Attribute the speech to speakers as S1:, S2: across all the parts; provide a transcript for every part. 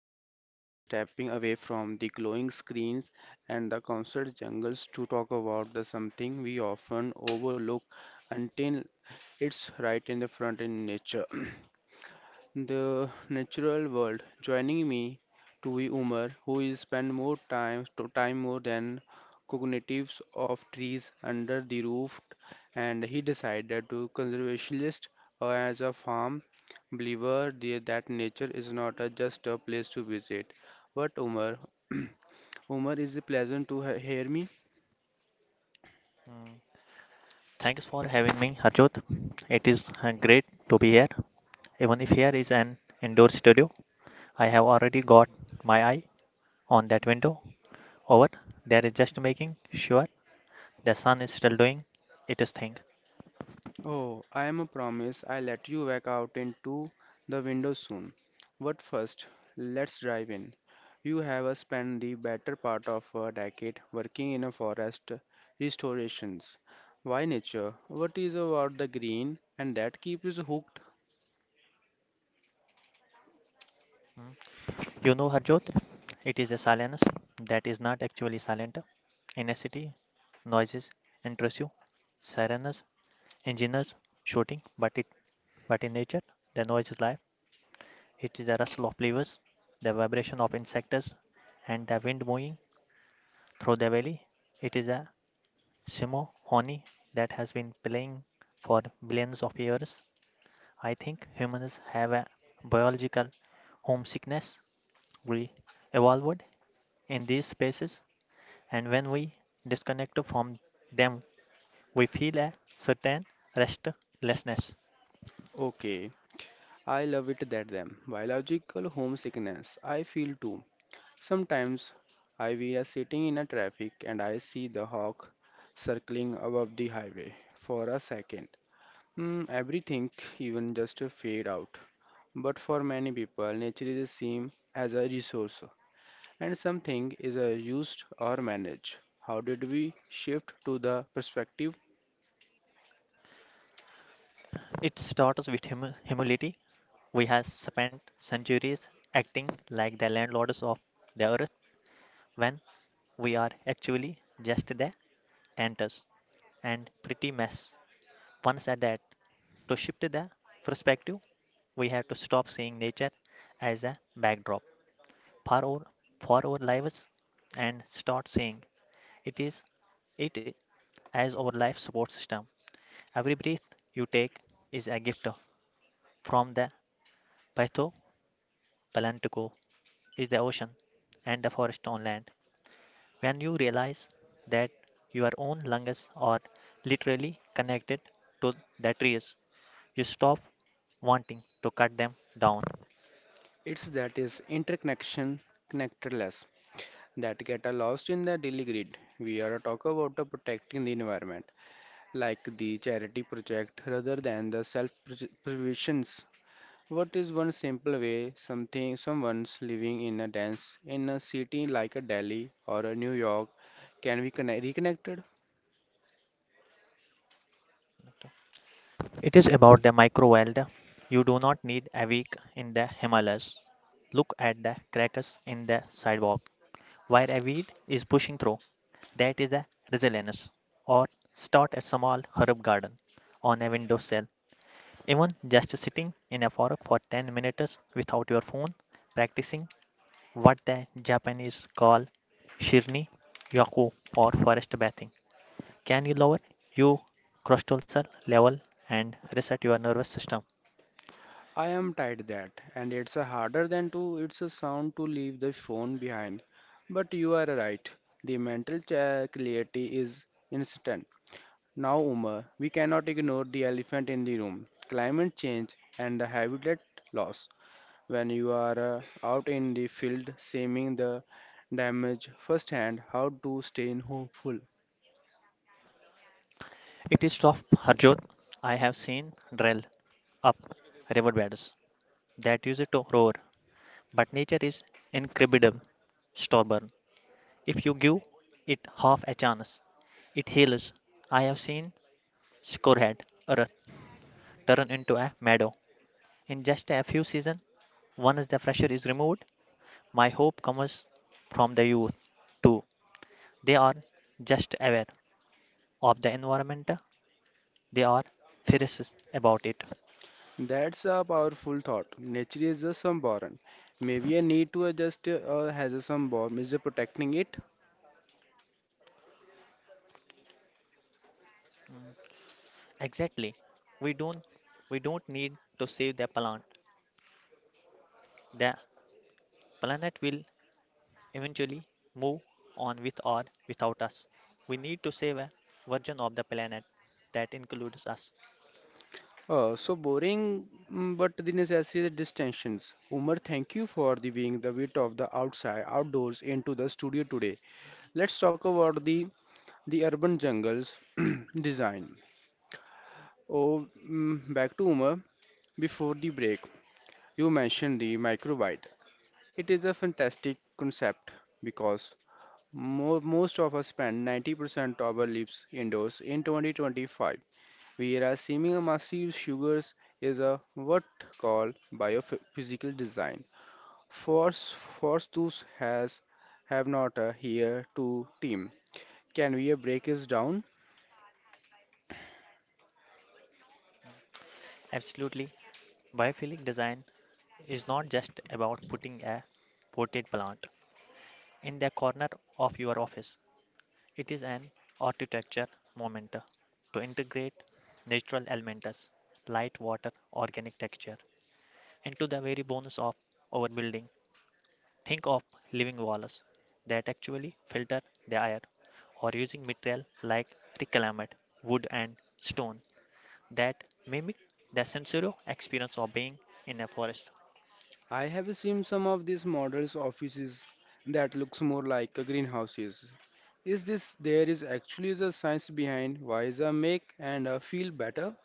S1: today we are stepping away from the glowing screens and the concert jungles to talk about the something we often overlook until it's right in the front in nature. The natural world. Joining me to be Umar, who is spend more time to time more than cognitives of trees under the roof, and he decided to conservationist as a farm believer that nature is not a, just a place to visit. But Umar, Umar is a pleasant to hear me.
S2: Mm, thanks for having me, Harjot. It is great to be here. Even if here is an indoor studio, I have already got my eye on that window over there is just making sure the sun is still doing its thing.
S1: Oh, I am a promise I let you back out into the window soon. But first, let's drive in. You have spent the better part of a decade working in a forest restorations. Why nature? What is about the green and that keeps you hooked?
S2: You know, Harjot, it is the silence that is not actually silent. In a city, noises interest you, sirens, engineers shooting, but in nature, the noise is life. It is the rustle of leaves, the vibration of insects, and the wind moving through the valley. It is a symphony that has been playing for billions of years. I think humans have a biological homesickness. We evolved in these spaces, and when we disconnect from them, we feel a certain restlessness.
S1: Okay, I love it that them. Biological homesickness. I feel too. Sometimes I we are sitting in a traffic and I see the hawk circling above the highway for a second. Mm, everything, even just a fade out. But for many people, nature is seen as a resource, and something is used or managed. How did we shift to the perspective?
S2: It starts with humility. We have spent centuries acting like the landlords of the earth when we are actually just the tenants and pretty mess. Once at that, to shift the perspective, we have to stop seeing nature as a backdrop for our, for our lives and start seeing it is it as our life support system. Every breath you take is a gift from the Pytho Palantuko is the ocean and the forest on land. When you realize that your own lungs are literally connected to the trees, you stop wanting to cut them down.
S1: It's that is interconnection, connectedness that get lost in the daily grid. We are talk about protecting the environment, like the charity project, rather than the self-preservation. What is one simple way something someone's living in a dense in a city like a Delhi or a New York can be connect, reconnected?
S2: It is about the micro world. You do not need a week in the Himalayas. Look at the cracks in the sidewalk where a weed is pushing through. That is a resilience. Or start a small herb garden on a windowsill. Even just sitting in a fork for 10 minutes without your phone, practicing what the Japanese call shirni yaku or forest bathing. Can you lower your cortisol level and reset your nervous system?
S1: I am tired that, and it's a harder than to it's a sound to leave the phone behind. But you are right. The mental clarity is instant. Now, Umar, we cannot ignore the elephant in the room: climate change and the habitat loss. When you are out in the field seeing the damage firsthand, how to stay hopeful.
S2: It is of Harjot. I have seen drill up riverbeds that used to roar, but nature is incredible, stubborn. If you give it half a chance, it heals. I have seen scorehead earth turn into a meadow in just a few seasons. Once the pressure is removed, my hope comes from the youth too. They are just aware of the environment. They are fierce about it.
S1: That's a powerful thought. Nature is a sunborn. Maybe I need to adjust has a sunborn. Is it protecting it?
S2: Exactly. We don't we don't need to save the planet. The planet will eventually move on with or without us. We need to save a version of the planet that includes us.
S1: So boring, mm, but the necessary distinctions. Umar, thank you for the being the wit of the outside, outdoors into the studio today. Let's talk about the urban jungles design. Oh, mm, back to Umar before the break. You mentioned the microbyte. It is a fantastic concept because most of us spend 90% of our lives indoors in 2025. We are assuming a massive sugars is a what called biophysical design. Force tools has have not a here to team. Can we break this down?
S2: Absolutely. Biophilic design is not just about putting a potted plant in the corner of your office. It is an architecture moment to integrate natural elements, light, water, organic texture into the very bones of our building. Think of living walls that actually filter the air or using material like reclaimed wood and stone that mimic the sensory experience of being in a forest.
S1: I have seen some of these models offices that looks more like a greenhouses. Is this there is actually a science behind why the make and feel better?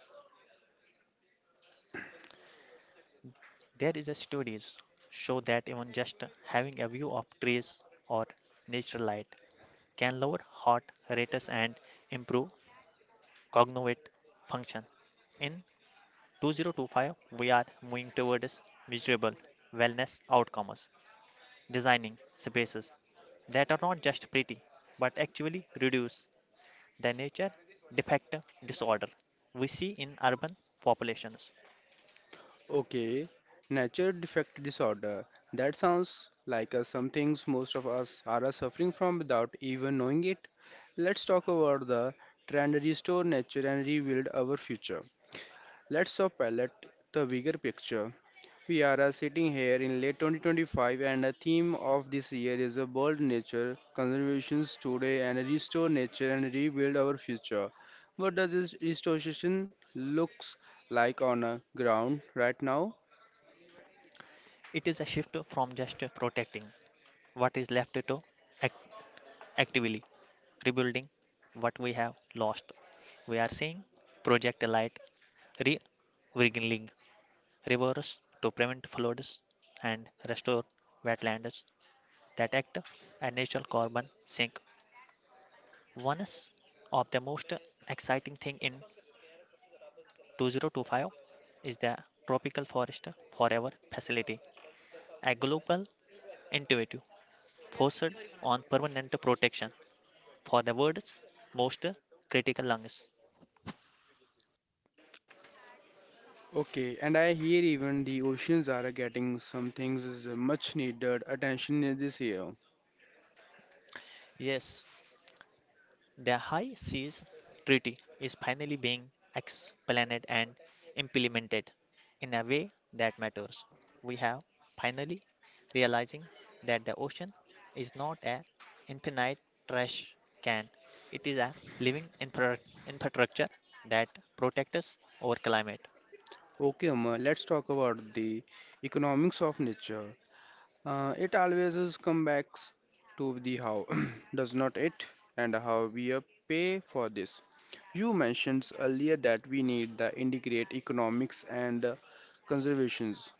S2: There is a studies show that even just having a view of trees or natural light can lower heart rates and improve cognitive function. In 2025, we are moving towards measurable wellness outcomes, designing spaces that are not just pretty but actually reduce the nature defect disorder we see in urban populations.
S1: Okay, nature defect disorder. That sounds like some things most of us are suffering from without even knowing it. Let's talk about the trend restore nature and rebuild our future. Let's palette the bigger picture. We are sitting here in late 2025, and the theme of this year is a bold nature, conservations today, and restore nature and rebuild our future. What does this restoration looks like on a ground right now?
S2: It is a shift from just protecting what is left to actively rebuilding what we have lost. We are seeing Project Light re-wriggling rivers to prevent floods and restore wetlands that act as natural carbon sink. One of the most exciting thing in 2025 is the Tropical Forest Forever Facility, a global initiative focused on permanent protection for the world's most critical lungs.
S1: Okay, and I hear even the oceans are getting some things is a much needed attention in this year.
S2: Yes, the High Seas Treaty is finally being explained and implemented in a way that matters. We have finally realizing that the ocean is not an infinite trash can. It is a living infrastructure that protects us our climate.
S1: Okay, Umar, let's talk about the economics of nature. It always is come back to the how, does not it? And how we pay for this. You mentioned earlier that we need the integrate economics and conservations.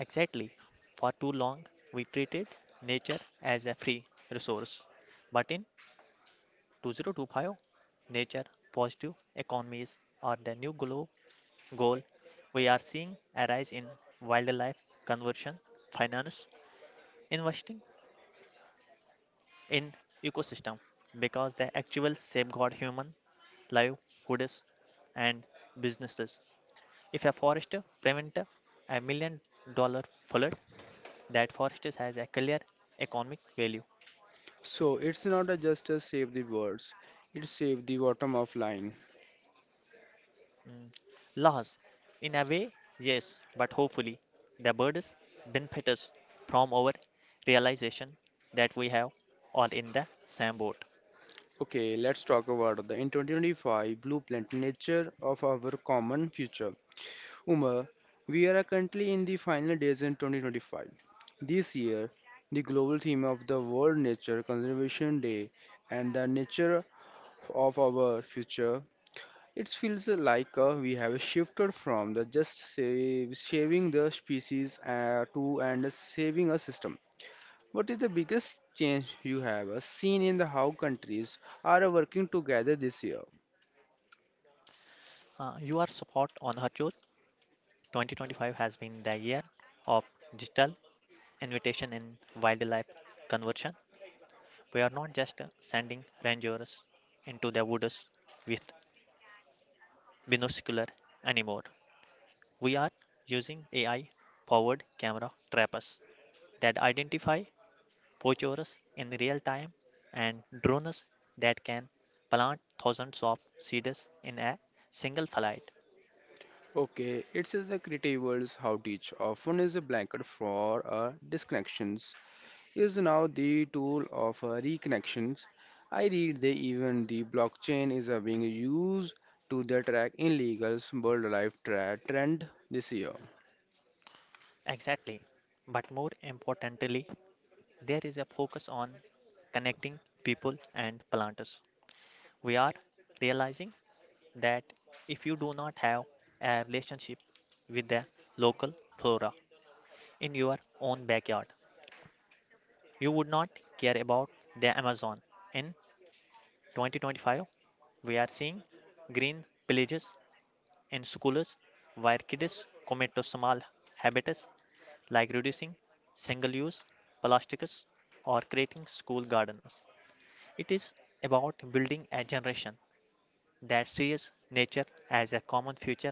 S2: Exactly. For too long, we treated nature as a free resource. But in 2025, Nature Positive Economies are the new goal we are seeing arise in wildlife conversion, finance, investing in ecosystem because the actual safeguard human livelihoods and businesses. If a forester prevents $1 million flood, that forest has a clear economic value.
S1: So it's not a just a save the words, it save the bottom of line.
S2: Loss, in a way, yes, but hopefully the birds benefit us from our realization that we have all in the same boat.
S1: Okay, let's talk about the in 2025 blueprint nature of our common future. Umar, we are currently in the final days in 2025. This year, the global theme of the World Nature Conservation Day and the nature of our future, it feels like we have shifted from the just save, saving the species to and saving a system. What is the biggest change you have seen in the how countries are working together this year?
S2: You are spot on, Harjot. 2025 has been the year of digital invitation in wildlife conversion. We are not just sending rangers into the woods with binocular anymore. We are using AI powered camera trappers that identify poachers in real time, and drones that can plant thousands of seeds in a single flight.
S1: Okay, it's is the creative's how teach often is a blanket for disconnections is now the tool of reconnections. I read they even the blockchain is being used to the track in legal's world life trend this year.
S2: Exactly. But more importantly, there is a focus on connecting people and planters. We are realizing that if you do not have a relationship with the local flora in your own backyard, you would not care about the Amazon. In 2025, we are seeing green villages In En Succulus, to small habitats, like reducing single use plastics or creating school gardens. It is about building a generation that sees nature as a common future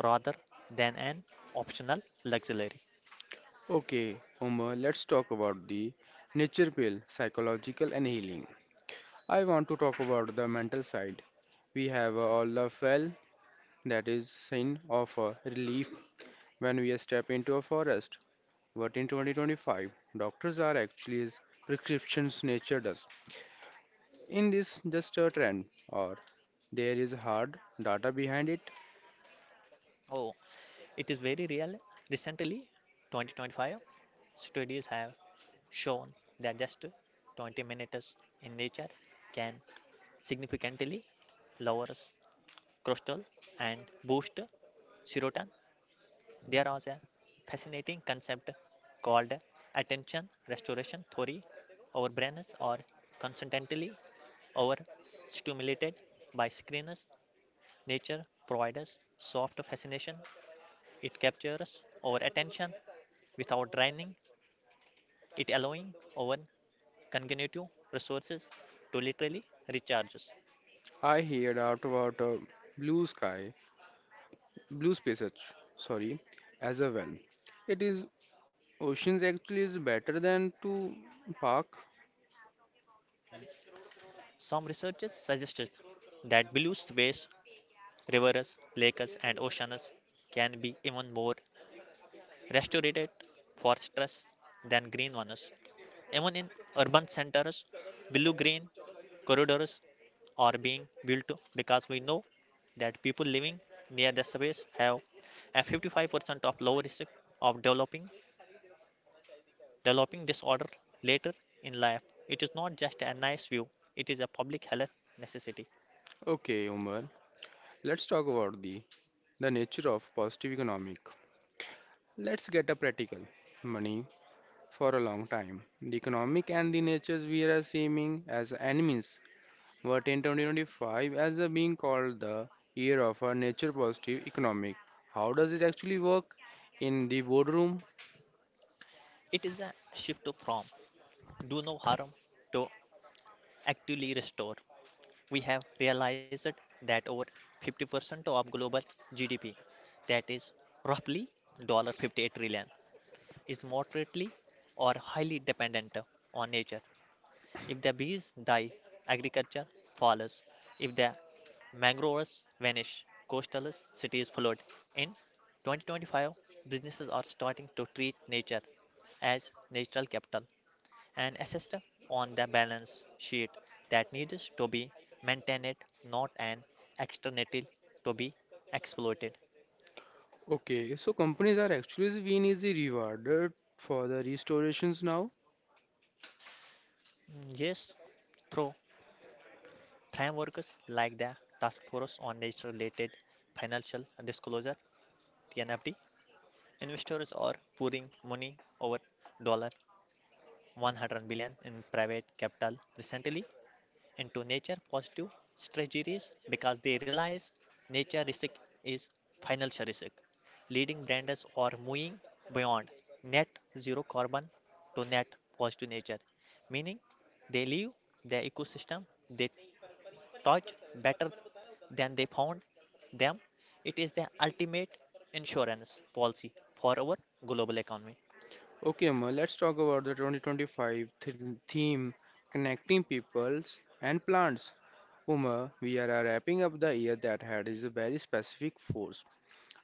S2: rather than an optional luxury.
S1: Okay, Omar, let's talk about the nature pill, psychological and healing. I want to talk about the mental side. We have all the fell that is sign of relief when we step into a forest. But in 2025, doctors are actually as prescriptions nature does. In this just a trend or there is hard data behind it.
S2: Oh, it is very real. Recently, 2025 studies have shown that just 20 minutes in nature can significantly lower Crustal and boost serotonin. There is a fascinating concept called attention restoration theory. Our brains are constantly overstimulated by screens. Nature provides us soft fascination. It captures our attention without draining it, allowing our cognitive resources to literally recharge us.
S1: I heard out about blue sky, blue space, sorry, as a well. It is oceans actually is better than to park.
S2: Some researchers suggested that blue space Rivers, lakes, and oceans can be even more restorative for stress than green ones. Even in urban centers, blue green corridors are being built because we know that people living near the surface have a 55% of lower risk of developing disorder later in life. It is not just a nice view, it is a public health necessity.
S1: Okay, Umar, let's talk about the nature of positive economic. Let's get a practical money for a long time. The economic and the natures we are seeming as enemies. What in 2025 as a being called the year of a nature positive economic. How does it actually work in the boardroom?
S2: It is a shift from do no harm to actively restore. We have realized that over 50% of global GDP, that is roughly $58 trillion, dollars, is moderately or highly dependent on nature. If the bees die, agriculture falls. If the mangroves vanish, coastal cities flood. In 2025, businesses are starting to treat nature as natural capital an asset on the balance sheet that needs to be maintained, not an externality to be exploited.
S1: Okay, so companies are actually being easy rewarded for the restorations now.
S2: Mm, yes, through frameworks like the Task Force on Nature-related Financial Disclosure (TNFD), investors are pouring money over dollar $100 billion in private capital recently into nature positive strategies because they realize nature risk is financial risk, leading brands are moving beyond net zero carbon to net positive nature, meaning they leave their ecosystem they touch better than they found them. It is the ultimate insurance policy for our global economy,
S1: Okay, Amal, let's talk about the 2025 theme connecting peoples and plants. Uma, we are wrapping up the year that had is a very specific force.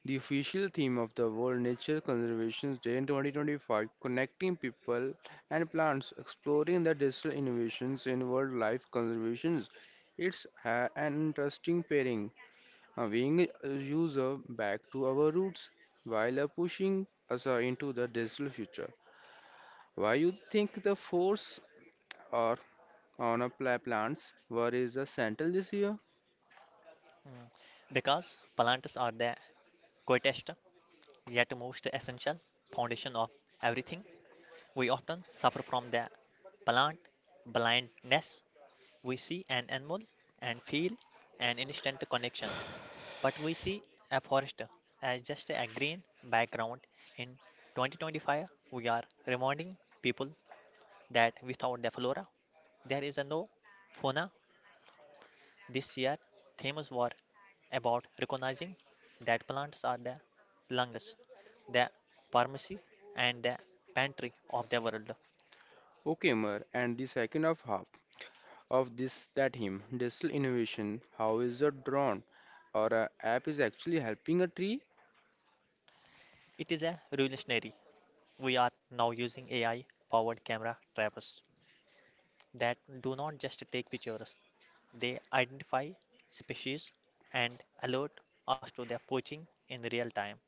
S1: The official theme of the World Nature Conservation Day in 2025, connecting people and plants, exploring the digital innovations in wildlife conservation. It's an interesting pairing, being a user back to our roots while pushing us into the digital future. Why you think the force are on a plants? Where is the central this year?
S2: because plants are the quietest yet most essential foundation of everything. We often suffer from the plant blindness. We see an animal and feel an instant connection, but we see a forest as just a green background. In 2025, we are reminding people that without the flora, there is a no fauna. This year, themes were about recognizing that plants are the lungs, the pharmacy, and the pantry of the world.
S1: Okay, Mer, and the second of half of this that him digital innovation. How is it drawn? Or a app is actually helping a tree?
S2: It is a revolutionary. We are now using AI-powered camera trappers that do not just take pictures, they identify species and alert us to their poaching in real time.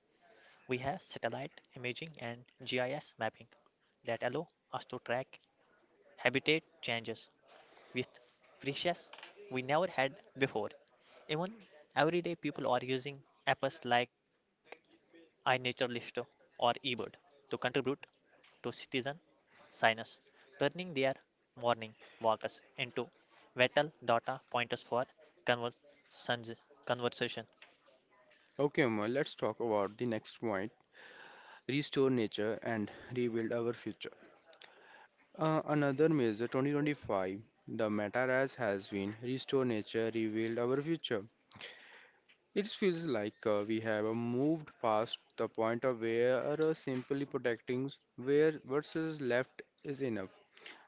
S2: We have satellite imaging and GIS mapping that allow us to track habitat changes with precision we never had before. Even everyday people are using apps like iNaturalist or eBird to contribute to citizen signers, turning their morning walks into vital data pointers for conversations- conversation.
S1: Okay, Uma, let's talk about the next point restore nature and rebuild our future. Another measure 2025, the meta RAS has been restore nature, rebuild our future. It feels like we have moved past the point of where simply protecting where versus left is enough.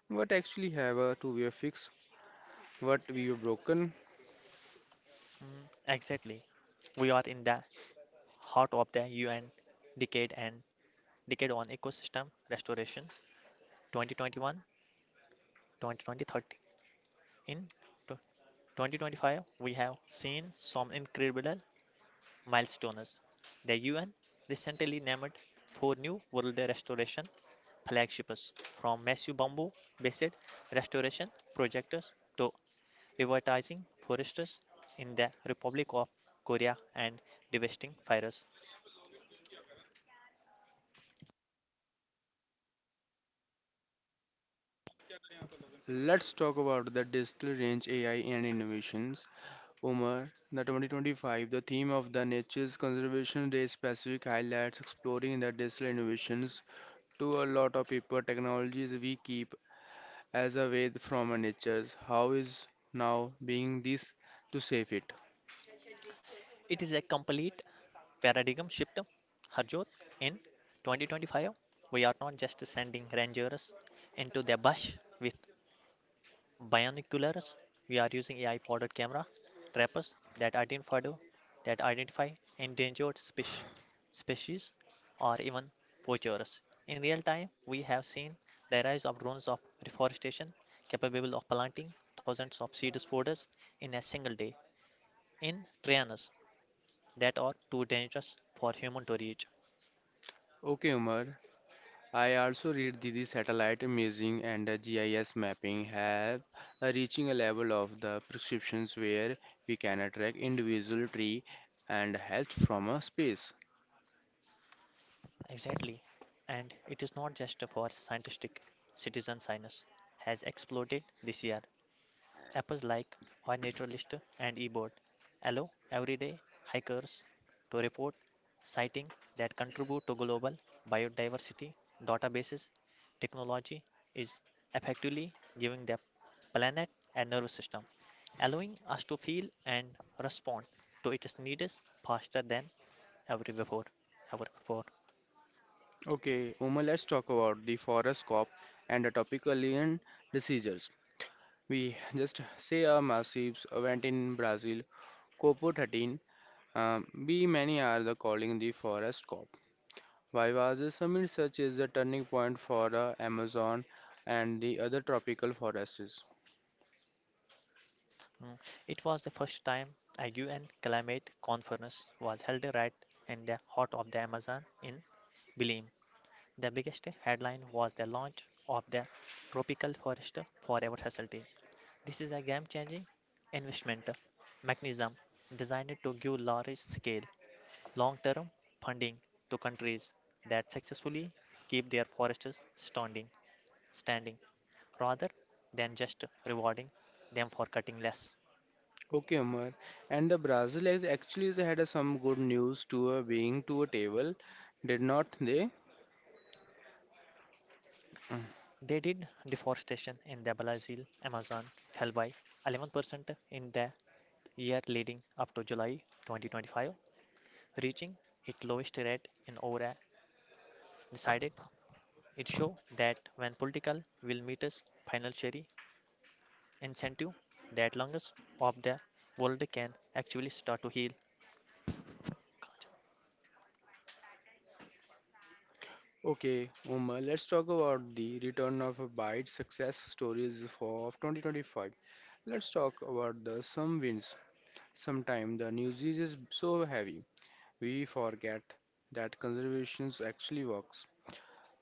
S1: What actually have to be fixed, what we have broken.
S2: Mm, exactly. We are in the heart of the UN decade and decade on ecosystem restoration 2021 2020 in tw- 2025. We have seen some incredible milestones. The UN recently named four new World Restoration flagships from massive bamboo based restoration projects to revitalizing forests in the Republic of Korea and devastating fires.
S1: Let's talk about the digital range AI and innovations. Umar, the 2025, the theme of the Nature's Conservation Day specific highlights exploring the digital innovations. To a lot of people, technologies we keep as a way from our nature's. How is now being this to save it?
S2: It is a complete paradigm shift, Harjot. In 2025, we are not just sending rangers into the bush with binoculars, we are using AI powered camera trappers that identify endangered species or even poachers. In real time, we have seen the rise of drones of reforestation capable of planting thousands of seed folders in a single day in terrains that are too dangerous for human to reach.
S1: Okay, Umar. I also read the satellite imaging and the GIS mapping have reaching a level of the prescriptions where we can track individual tree and health from a space.
S2: Exactly. And it is not just for scientific citizen science has exploded this year. Apps like iNaturalist and eBird allow everyday hikers to report sightings that contribute to global biodiversity databases. Technology is effectively giving the planet a nervous system, allowing us to feel and respond to its needs faster than ever before. Ever before.
S1: Okay, Uma, let's talk about the forest cop and the tropicalian diseases. We just say a massive event in Brazil, COP 13. We many are the calling the forest cop. Why was this summit such is the turning point for the Amazon and the other tropical forests?
S2: Mm. It was the first time a UN climate conference was held right in the heart of the Amazon in Belém. The biggest headline was the launch of the Tropical Forest Forever facility. This is a game changing investment mechanism designed to give large scale, long term funding to countries that successfully keep their forests standing, rather than just rewarding them for cutting less.
S1: Okay, Umar. And the Brazil has actually has had a some good news to a being to a table, did not they?
S2: They did deforestation in the Brazil Amazon fell by 11% in the year leading up to July 2025, reaching its lowest rate in over a decade. It shows that when political will meets financial incentive, that lungs of the world can actually start to heal.
S1: Okay, Uma, let's talk about the return of a bite success stories for of 2025. Let's talk about the some wins. Sometimes the news is so heavy, we forget that conservations actually works.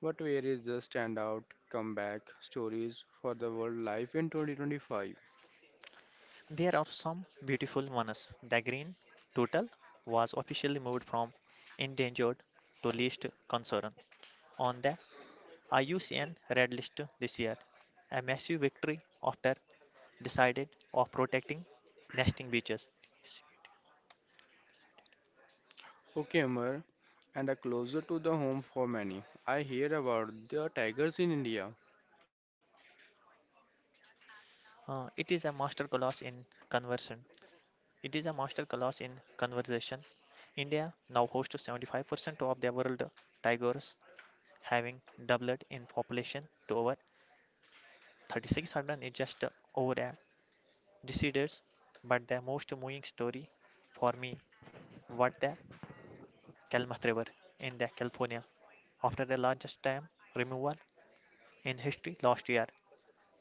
S1: But where is the standout comeback stories for the wildlife in 2025?
S2: There are some beautiful ones. The green turtle was officially moved from endangered to least concern on the IUCN Red List this year, a massive victory after decided of protecting nesting beaches.
S1: Okay, Amar, and a closer to the home for many. I hear about the tigers in India.
S2: It is a masterclass in conversion. It is a masterclass in conversation. India now hosts 75% of the world tigers, having doubled in population to over 3,600 in just over a decade. But the most moving story for me was the Klamath River in the California after the largest dam removal in history last year.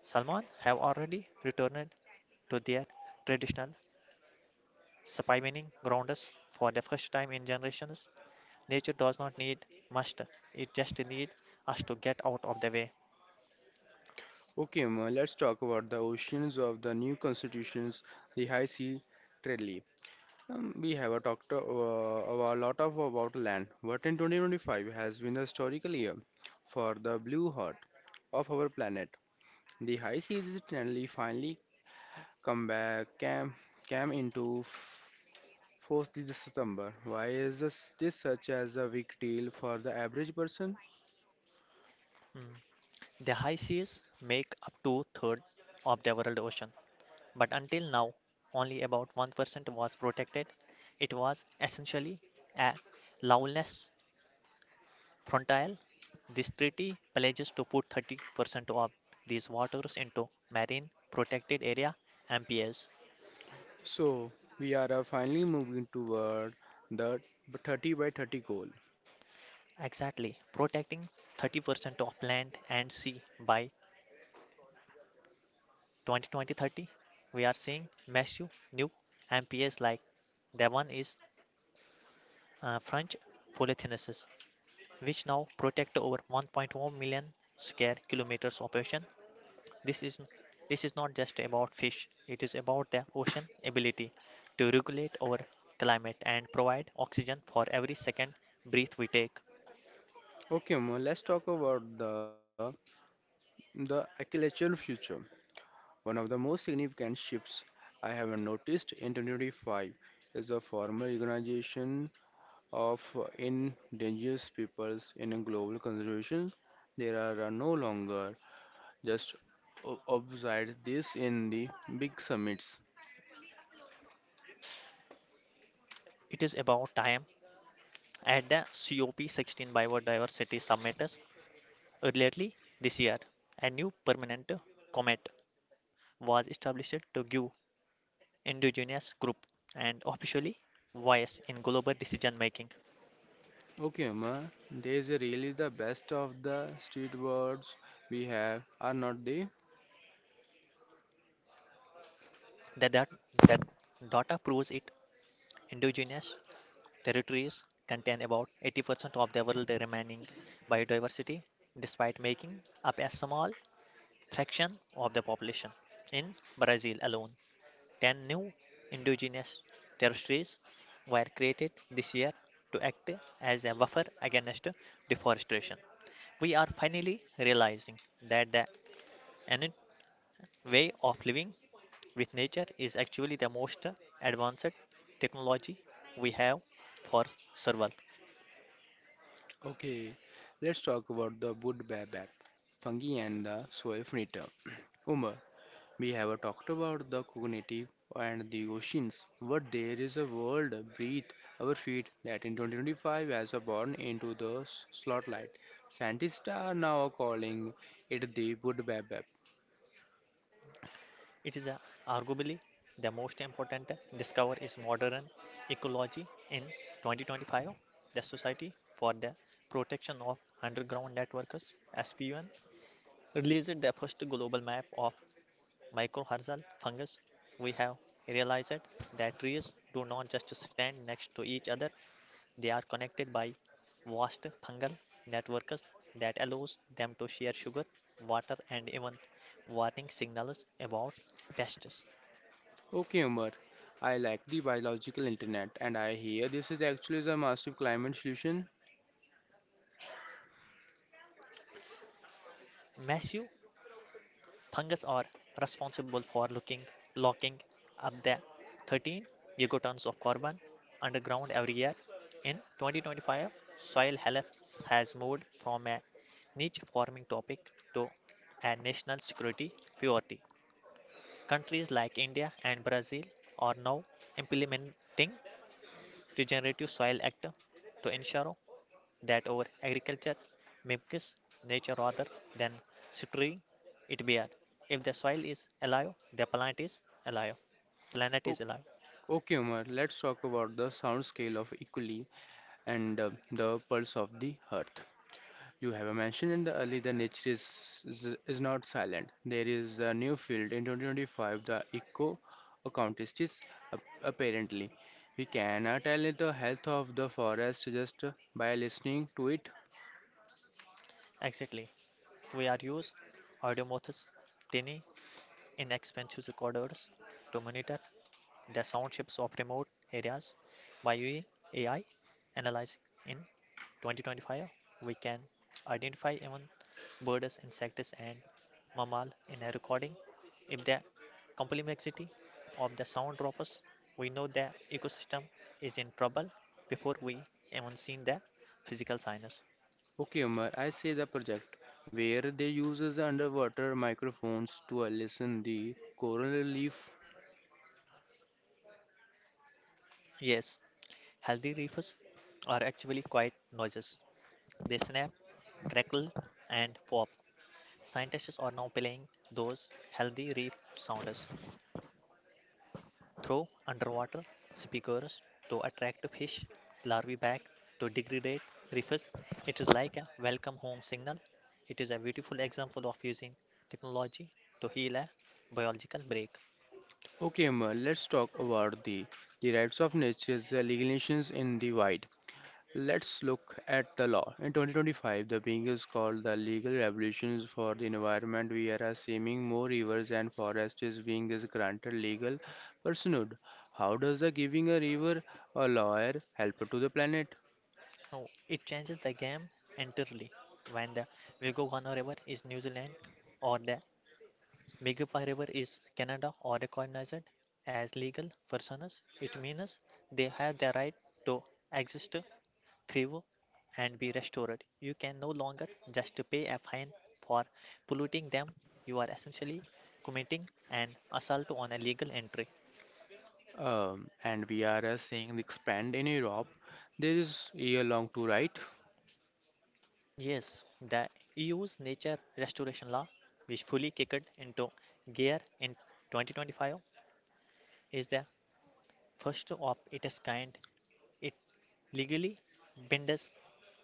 S2: Salmon have already returned to their traditional Spymining ground us for the first time in generations. Nature does not need must, it just needs us to get out of the way.
S1: Okay, Uma, let's talk about the oceans of the new constitutions, the high sea treaty. We have a talked a lot of about land, but in 2025 has been a historical year for the blue heart of our planet. The high seas treaty finally come back came, came into force this September. Why is this, this such as a big deal for the average person?
S2: The high seas make up two-thirds of the world ocean, but until now, only about 1% was protected. It was essentially a lawless frontier. This treaty pledges to put 30% of these waters into marine protected area MPAs.
S1: So we are finally moving toward the 30 by 30 goal.
S2: Exactly. Protecting 30% of land and sea by 2020-30, we are seeing massive new MPAs like the one is French polythynensis, which now protect over 1.1 million square kilometers of ocean. This is this is not just about fish; it is about the ocean ability to regulate our climate and provide oxygen for every second breath we take.
S1: Okay, Mo, let's talk about the agricultural future. One of the most significant shifts I have noticed in 2025 is the formal recognition of endangered peoples in a global conservation. There are no longer just obside this in the big summits.
S2: It is about time at the COP16 Biodiversity Summit earlier this year, a new permanent comet was established to give indigenous group and officially voice in global decision making.
S1: Okay, ma, there is really the best of the street words we have are not the.
S2: The, dat- the data proves it. Indigenous territories contain about 80% of the world remaining biodiversity, despite making up a small fraction of the population in Brazil alone. 10 new indigenous territories were created this year to act as a buffer against deforestation. We are finally realizing that the innate way of living with nature is actually the most advanced technology we have for survival.
S1: Okay, let's talk about the wood baobab, fungi and the soil furniture. Umar, we have talked about the cognitive and the oceans, but there is a world beneath our feet that in 2025 has born into the spotlight. Scientists are now calling it the wood baobab.
S2: It is a, arguably the most important discovery is modern ecology in 2025. The Society for the Protection of Underground Networks (SPUN) released the first global map of mycorrhizal fungus. We have realized that trees do not just stand next to each other; they are connected by vast fungal networks that allows them to share sugar, water, and even warning signals about pests.
S1: Okay, Umar, I like the biological internet and I hear this is actually a massive climate solution.
S2: Massive fungus are responsible for looking, locking up the 13 gigatons of carbon underground every year. In 2025, soil health has moved from a niche farming topic to a national security priority. Countries like India and Brazil are now implementing Regenerative Soil Act to ensure that our agriculture mimics nature rather than structuring it bare. If the soil is alive, the plant is alive. Planet
S1: O-
S2: is alive.
S1: Okay, Umar, let's talk about the sound scale of equally and the pulse of the earth. You have mentioned in the early the nature is not silent. There is a new field in 2025, the eco accountistics. Apparently, we can tell it the health of the forest just by listening to it.
S2: Exactly. We are use audiomorphs, tiny, inexpensive recorders to monitor the sound shapes of remote areas by using AI analyzing in 2025, we can identify even birds, insects, and mammals in a recording. If the complexity of the sound drops, we know the ecosystem is in trouble before we even seen the physical signs.
S1: Okay, Umar, I see the project where they uses the underwater microphones to listen the coral leaf.
S2: Yes, healthy reefs are actually quite noises. They snap, crackle, and pop. Scientists are now playing those healthy reef sounds throw underwater speakers to attract fish larvae back to degrade reefs. It is like a welcome home signal. It is a beautiful example of using technology to heal a biological break.
S1: Okay, Umar, let's talk about the rights of nature's legal nations in the wild. Let's look at the law. In 2025, the being is called the legal revolutions for the environment. We are assuming more rivers and forests is being is granted legal personhood. How does the giving a river a lawyer help to the planet?
S2: Oh, it changes the game entirely when the Wigogono River is New Zealand or the Migipa River is Canada or recognized as legal personas. It means they have the right to exist thrive and be restored. You can no longer just pay a fine for polluting them. You are essentially committing an assault on a legal entry.
S1: And we are seeing the expand in Europe. There is year long to write.
S2: Yes, the EU's nature restoration law, which fully kicked into gear in 2025, is the first of its kind. It legally binds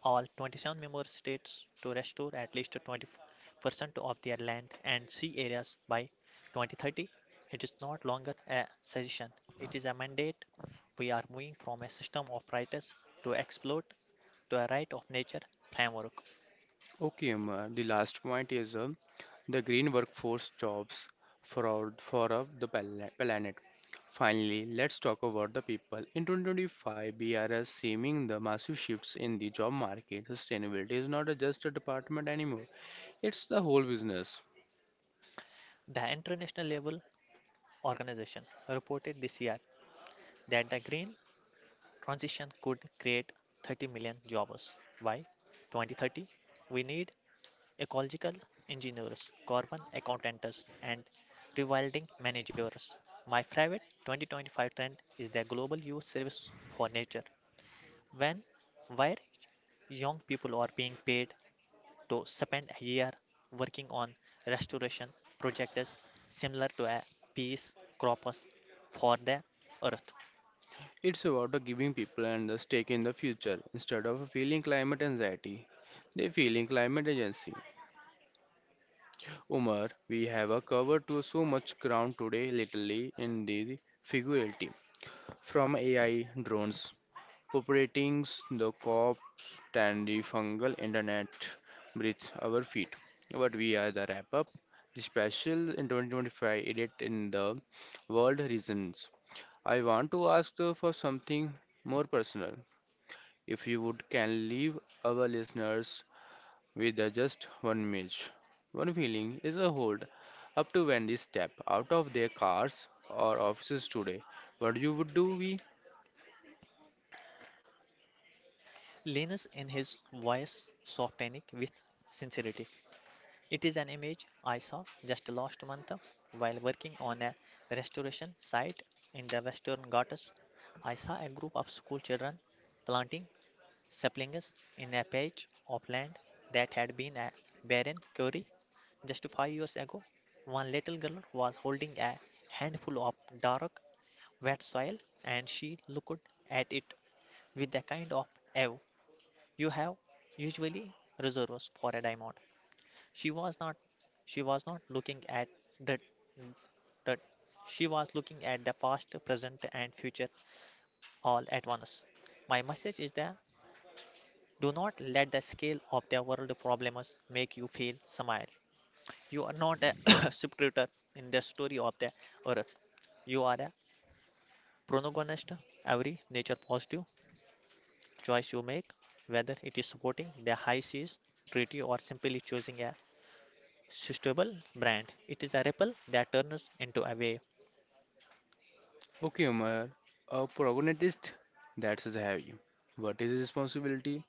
S2: all 27 member states to restore at least 20% of their land and sea areas by 2030. It is not longer a suggestion; it is a mandate. We are moving from a system of rights to exploit to a right of nature framework.
S1: Okay, the last point is the green workforce jobs for our, the planet. Finally, let's talk about the people. In 2025, BRS seeing the massive shifts in the job market. Sustainability is not a just a department anymore; it's the whole business.
S2: The international level organization reported this year that the green transition could create 30 million jobs by 2030. We need ecological engineers, carbon accountants, and rewilding managers. My private 2025 trend is the global youth service for nature. When, where young people are being paid to spend a year working on restoration projects similar to a peace corps for the earth.
S1: It's about the giving people and the stake in the future instead of feeling climate anxiety. They feeling climate agency. Umar, we have covered to so much ground today, literally in the figuratively. From AI drones populating the crops and the fungal internet beneath our feet. But we are the wrap up. The special in 2025 edit in the world reasons. I want to ask for something more personal. If you would can leave our listeners with just one image, one feeling is a hold up to when they step out of their cars or offices today. What you would do we.
S2: Linus in his voice softening with sincerity. It is an image I saw just last month while working on a restoration site in the Western Ghats. I saw a group of school children planting saplings in a patch of land that had been a barren quarry just 5 years ago. One little girl was holding a handful of dark, wet soil and she looked at it with the kind of awe you have usually reserves for a diamond. She was not she was not looking at the, the she was looking at the past, present and future all at once. My message is that do not let the scale of the world problems make you feel smile. You are not a scriptor in the story of the earth. You are a protagonist. Every nature positive choice you make, whether it is supporting the high seas treaty or simply choosing a suitable brand, it is a ripple that turns into a wave.
S1: Okay, Omar, a protagonist that's have you. What is his responsibility?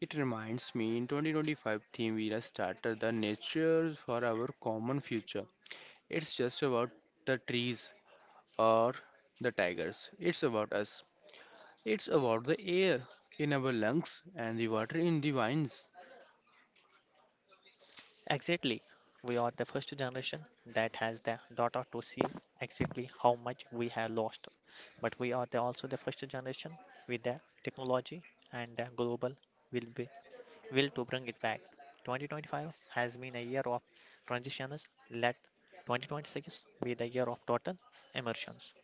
S1: It reminds me in 2025 theme we have started the nature for our common future. It's just about the trees or the tigers. It's about us. It's about the air in our lungs and the water in the vines.
S2: Exactly. We are the first generation that has the data to see exactly how much we have lost. But we are the also the first generation with the technology and the global will be will to bring it back. 2025 has been a year of transitions. Let 2026 be the year of total immersions.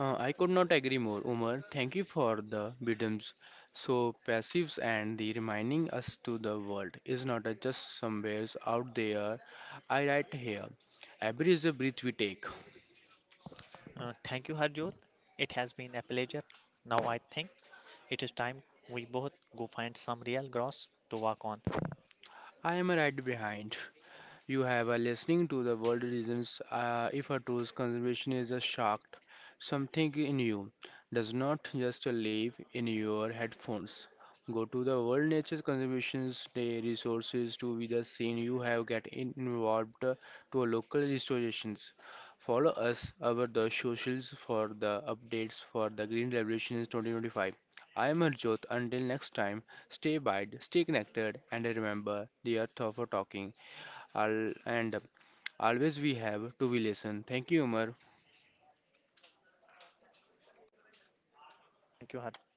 S1: I could not agree more, Umar. Thank you for the bidums. So passives and the reminding us to the world is not a just somewheres out there. I write here. Every is a breath we take.
S2: Thank you, Harjot. It has been a pleasure. Now I think it is time we both go find some real grass to work on.
S1: I am right behind. You have a listening to the world reasons if a true conservation is a shocked. Something in you does not just live in your headphones. Go to the World Nature Conservation's Day resources to be the scene you have get involved to a local restorations. Follow us over the socials for the updates for the Green Revolutions 2025. I am Arjot. Until next time, stay wide, stay connected, and remember the earth of a talking. And always we have to be listen. Thank you, Umar.
S2: Thank you, Harjot.